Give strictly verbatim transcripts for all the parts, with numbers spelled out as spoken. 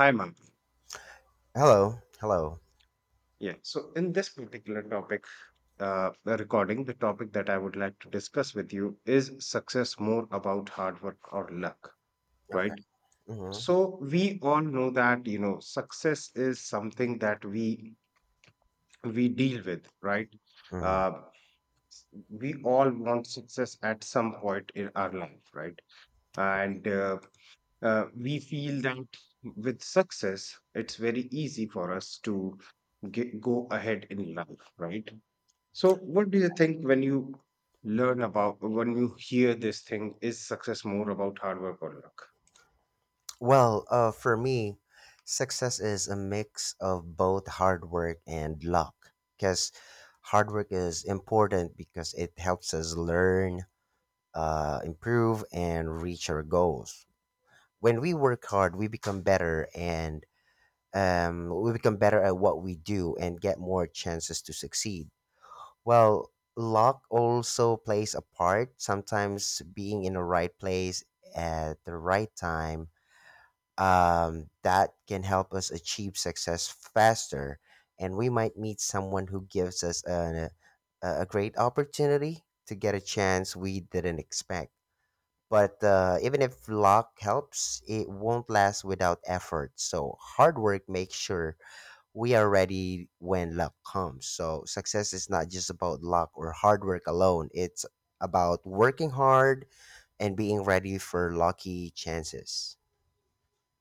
Hi, Mark. Hello. Hello. Yeah. So, in this particular topic, uh, the recording, the topic that I would like to discuss with you is success more about hard work or luck, Okay. right? hmm So, we all know that you know success is something that we we deal with, right? hmm Uh, we all want success at some point in our life, right? And uh, uh, we feel that with success, it's very easy for us to get, go ahead in life, right? So, what do you think when you learn about, when you hear this thing, is success more about hard work or luck? Well, uh, for me, success is a mix of both hard work and luck. Because hard work is important because it helps us learn, uh, improve, and reach our goals. When we work hard, we become better and um, we become better at what we do and get more chances to succeed. Well, luck also plays a part. Sometimes being in the right place at the right time, um, that can help us achieve success faster. And we might meet someone who gives us an, a, a great opportunity to get a chance we didn't expect. But uh, even if luck helps, it won't last without effort. So hard work makes sure we are ready when luck comes. So success is not just about luck or hard work alone. It's about working hard and being ready for lucky chances.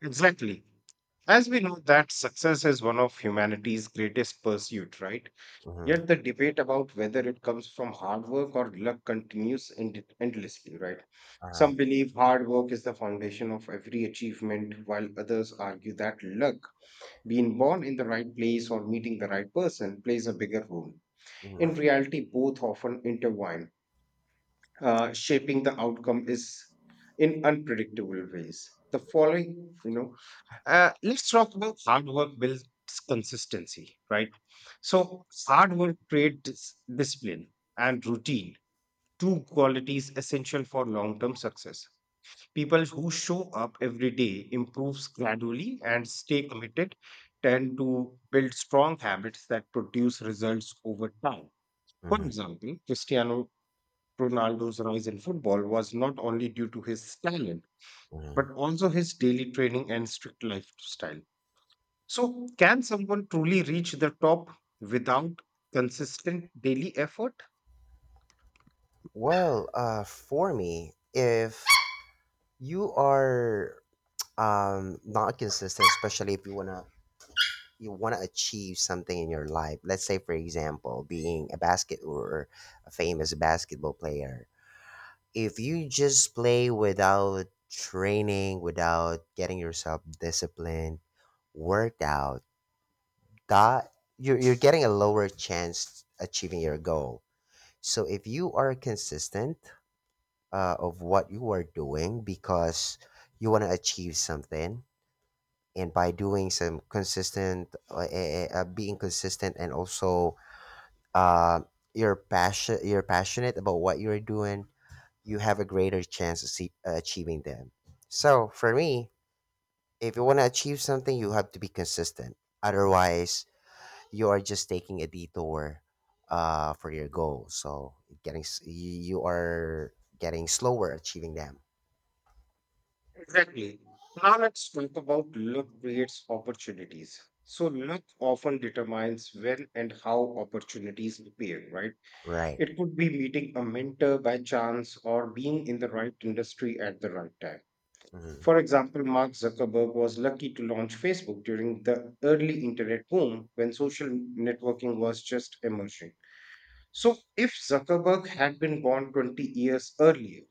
Exactly. As we know that success is one of humanity's greatest pursuit, right? Mm-hmm. Yet the debate about whether it comes from hard work or luck continues end- endlessly, right? Uh-huh. Some believe hard work is the foundation of every achievement, while others argue that luck, being born in the right place or meeting the right person, plays a bigger role. Mm-hmm. In reality, both often intertwine, uh, shaping the outcome is in unpredictable ways. The following, you know, uh, let's talk about hard work builds consistency, right? So, hard work creates discipline and routine, two qualities essential for long term success. People who show up every day improves gradually and stay committed tend to build strong habits that produce results over time. For Mm-hmm. example, Cristiano Ronaldo's rise in football was not only due to his talent, Mm-hmm. but also his daily training and strict lifestyle. So, can someone truly reach the top without consistent daily effort? Well, uh, for me, if you are um, not consistent, especially if you wanna you wanna achieve something in your life, let's say for example, being a basket or a famous basketball player, if you just play without training, without getting yourself disciplined, worked out, that you're you're getting a lower chance achieving your goal. So if you are consistent uh, of what you are doing because you want to achieve something, and by doing some consistent, uh, eh, eh, uh, being consistent, and also uh, you're passion you're passionate about what you're doing, you have a greater chance of see, uh, achieving them. So for me, if you want to achieve something, you have to be consistent. Otherwise, you are just taking a detour uh, for your goal. So getting s- you you are getting slower achieving them. Exactly. Now let's talk about luck creates opportunities. So luck often determines when and how opportunities appear, right? Right. It could be meeting a mentor by chance or being in the right industry at the right time. hmm For example, Mark Zuckerberg was lucky to launch Facebook during the early internet boom when social networking was just emerging. So if Zuckerberg had been born twenty years earlier,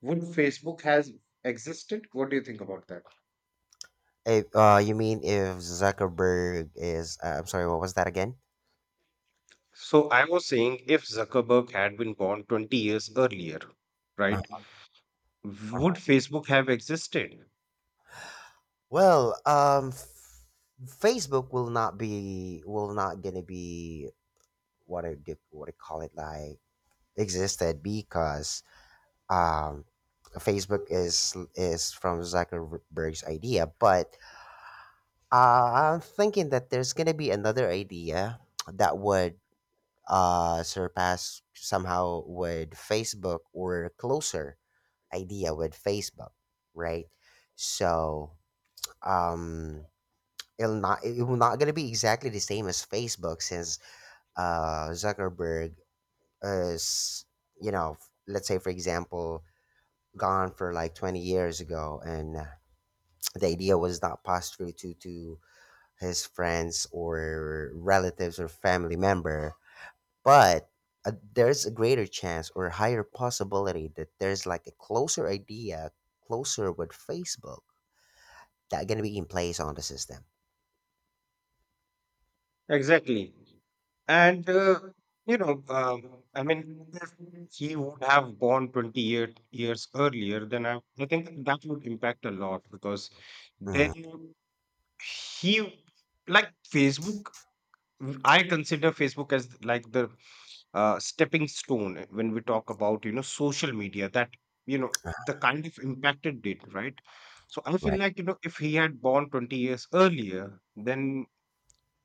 would Facebook has existed? What do you think about that? If, uh, you mean if Zuckerberg is? Uh, I'm sorry. What was that again? So I was saying if Zuckerberg had been born twenty years earlier, Uh, right, would uh-huh. Facebook have existed? Well, um, f- Facebook will not be will not gonna be what I do, what I call it like existed because um, Facebook is is from Zuckerberg's idea. But uh, I'm thinking that there's gonna be another idea that would uh, surpass somehow with Facebook or closer idea with Facebook, right? So um, it'll not it will not gonna be exactly the same as Facebook since uh, Zuckerberg is you know let's say for example gone for like twenty years ago and uh, the idea was not passed through to to his friends or relatives or family member but uh, there's a greater chance or higher possibility that there's like a closer idea closer with facebook that gonna be in place on the system. Exactly. And, uh, you know, um, I mean, if he would have born twenty year, years earlier, then I, I think that would impact a lot because Mm, then he, like, Facebook. Mm, I consider Facebook as like the, uh, stepping stone uh, when we talk about, you know, social media, that, you know, uh, the kind of impact it did, right? So I feel right. like, you know, if he had born twenty years earlier, then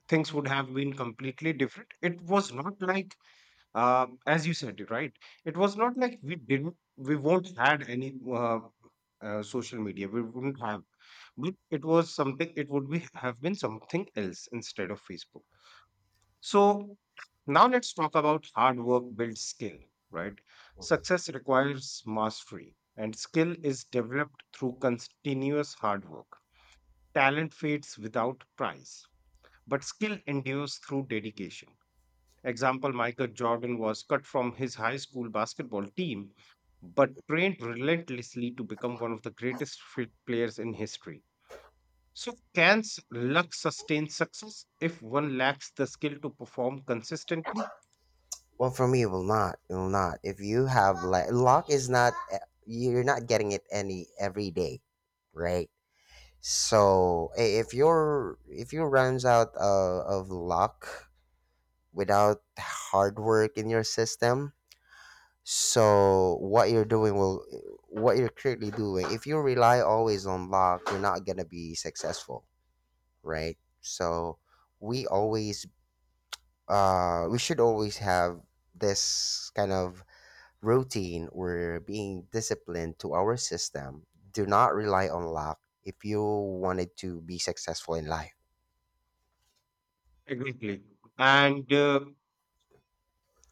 things would have been completely different. It was not like, uh, as you said, it, right? It was not like we didn't we won't had any, uh, uh, social media. We wouldn't have, but it was something. It would be have been something else instead of Facebook. So now let's talk about hard work builds skill, right? Mhm. Success requires mastery, and skill is developed through continuous hard work. Talent fades without prize, but skill endures through dedication. Example Michael Jordan was cut from his high school basketball team, but trained relentlessly to become one of the greatest fit players in history. So, can s- luck sustain success if one lacks the skill to perform consistently? Well, for me, it will not it will not if you have like luck is not uh, you're not getting it any every day, right? So i- if you're if you runs out uh, of luck without hard work in your system, so what you're doing will what you're currently doing, if you rely always on luck, you're not gonna be successful, right? So we always uh we should always have this kind of routine where being disciplined to our system. Do not rely on luck if you wanted to be successful in life. Exactly. And uh,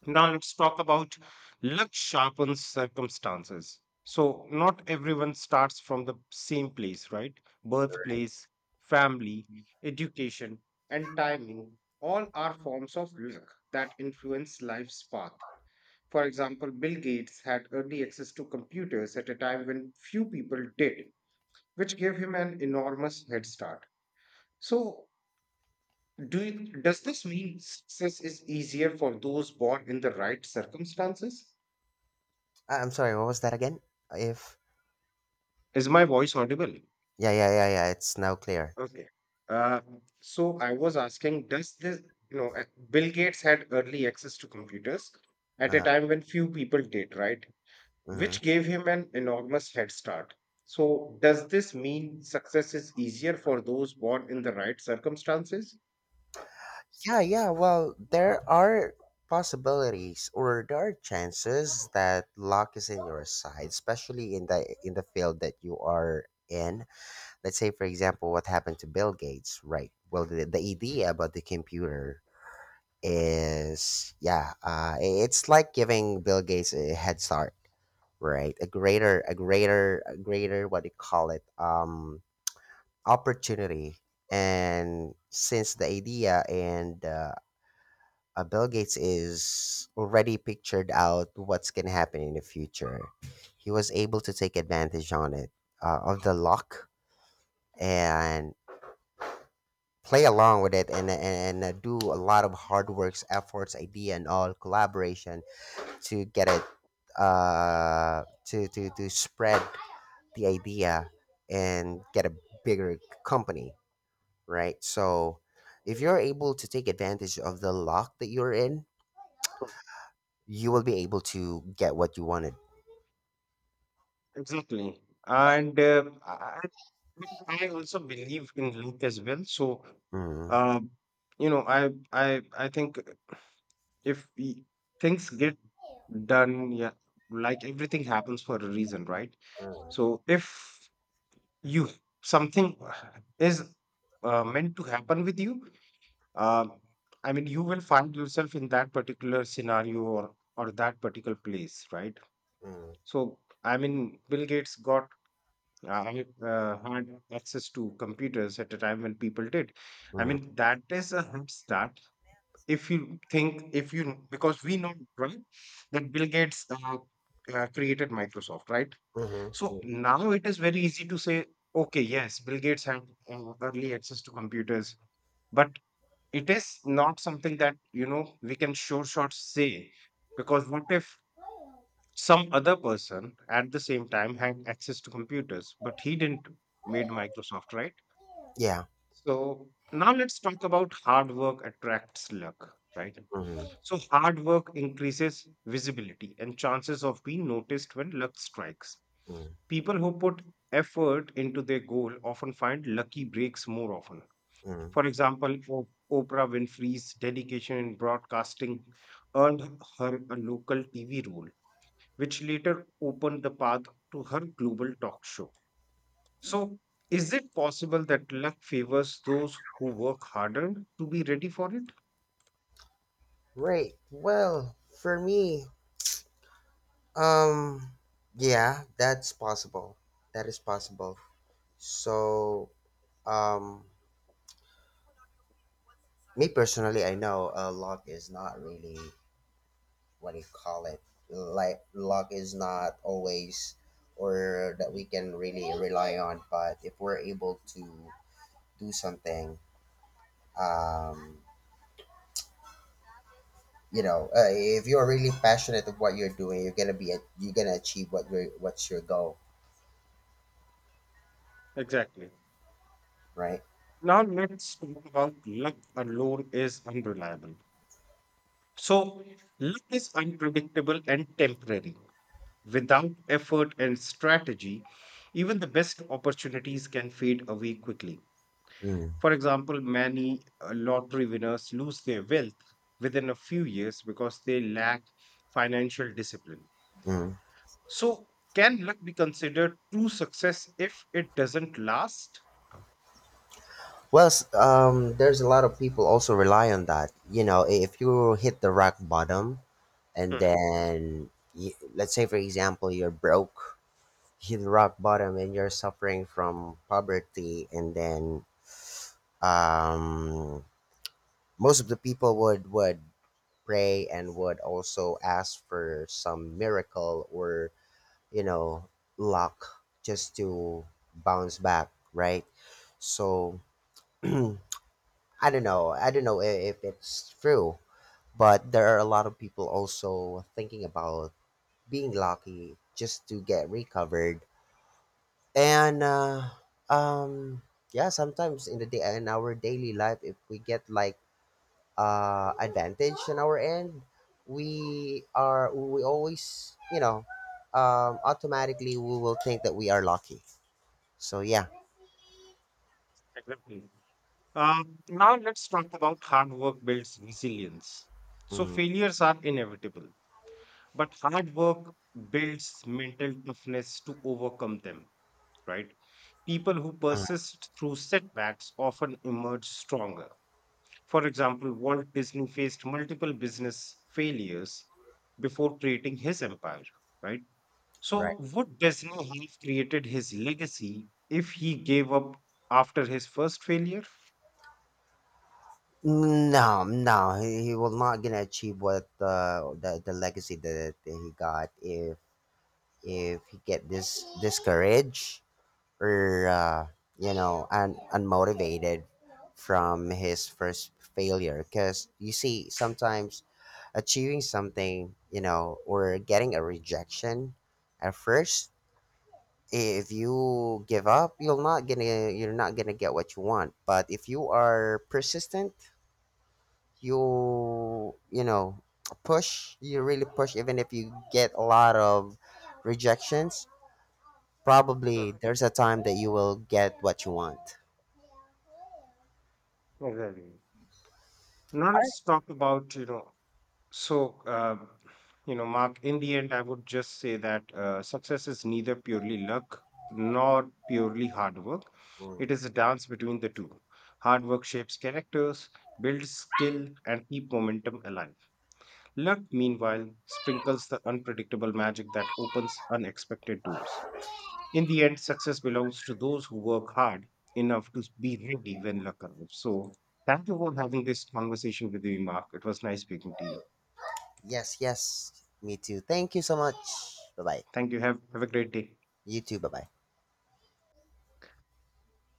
now let's talk about luck sharpens circumstances. So, not everyone starts from the same place, right? Birthplace, family, education, and timing all are forms of luck that influence life's path. For example, Bill Gates had early access to computers at a time when few people did, which gave him an enormous head start. So, Do you, does this mean success is easier for those born in the right circumstances? I- I'm sorry, what was that again? If Is my voice audible? yeah, yeah, yeah, yeah, it's now clear. Okay. Uh, so I was asking, does this, you know, uh, Bill Gates had early access to computers at a Uh, time when few people did, right? mhm. Which gave him an enormous head start. So does this mean success is easier for those born in the right circumstances? Yeah, yeah. Well, there are possibilities or there are chances that luck is in your side, especially in the in the field that you are in. Let's say, for example, what happened to Bill Gates, right? Well, the, the idea about the computer is yeah, uh, i- it's like giving Bill Gates a head start, right? A greater, a greater, a greater, what do you call it? Um, opportunity. And since the idea and uh, uh, Bill Gates is already pictured out what's going to happen in the future, he was able to take advantage on it, uh, of the luck, and play along with it and, and, and uh, do a lot of hard works, efforts, idea, and all collaboration to get it, uh, to, to, to spread the idea and get a bigger company, right? So if you're able to take advantage of the lock that you're in, you will be able to get what you wanted. Exactly. And uh, I, I also believe in Luke as well. So, Mm, um, you know, I I I think if we, things get done, yeah, like everything happens for a reason, right? mm, So if you, something is, uh, meant to happen with you, um I mean, you will find yourself in that particular scenario or or that particular place, right? mm, So I mean, Bill Gates got, uh, I mean, uh, had access to computers at a time when people did. I mm, mean that is a head start. If you think if you, because we know, right, that Bill Gates, uh, uh, created Microsoft, right? mhm, So mm. now it is very easy to say, okay, yes, Bill Gates had, uh, early access to computers, but it is not something that, you know, we can sure shot say, because what if some other person at the same time had access to computers, but he didn't made Microsoft, right? Yeah. So now let's talk about hard work attracts luck, right? Mm, So hard work increases visibility and chances of being noticed when luck strikes. mm, People who put effort into their goal often find lucky breaks more often. mm. For example, O- Oprah Winfrey's dedication in broadcasting earned her a local T V role, which later opened the path to her global talk show. So, is it possible that luck favors those who work harder to be ready for it? Right. Well, for me, um, yeah, that's possible. That is possible. So, um, me personally, I know a lock is not really what do you call it, like luck is not always or that we can really rely on, but if we're able to do something, um, you know, uh, if you're really passionate of what you're doing, you're gonna be a, you're gonna achieve what your what's your goal, Exactly. right. Now, let's talk about luck alone is unreliable. So, luck is unpredictable and temporary. Without effort and strategy, even the best opportunities can fade away quickly. Mm. For example, many uh, lottery winners lose their wealth within a few years because they lack financial discipline. Mm. So, can luck be considered true success if it doesn't last? Well, s- um, there's a lot of people also rely on that. You know, i- if you hit the rock bottom, and Hmm, then y let's say, for example, you're broke, hit rock bottom and you're suffering from poverty and then, um, most of the people would would pray and would also ask for some miracle or you know luck just to bounce back, right? So i don't know I don't know i- if it's true, but there are a lot of people also thinking about being lucky just to get recovered, and uh, um yeah, sometimes in the day in our daily life if we get like uh advantage on our end, we are we always, you know, um, automatically we will think that we are lucky, so yeah. exactly. Um, now, let's talk about hard work builds resilience. So, Mm, failures are inevitable, but hard work builds mental toughness to overcome them, right? People who mm, persist through setbacks often emerge stronger. For example, Walt Disney faced multiple business failures before creating his empire, right? right. So, would Disney have created his legacy if he gave up after his first failure? No, no, he he will not gonna achieve what uh, the the legacy that, that he got if if he get this discouraged or uh, you know un- unmotivated from his first failure, because you see sometimes achieving something you know or getting a rejection at first, if you give up you'll not gonna you're not gonna get what you want, but if you are persistent you you know push you really push even if you get a lot of rejections, probably there's a time that you will get what you want. Exactly. Now let's talk about you know. So, uh, you know, Mark, in the end, I would just say that uh, success is neither purely luck nor purely hard work. It is a dance between the two. Hard work shapes characters, builds skill, and keep momentum alive. Luck, meanwhile, sprinkles the unpredictable magic that opens unexpected doors. In the end, success belongs to those who work hard enough to be ready when luck arrives. So, thank you for having this conversation with me, Mark. It was nice speaking to you. Yes, yes. Me too. Thank you so much. Bye bye. Thank you. Have, have a great day. You too. Bye bye.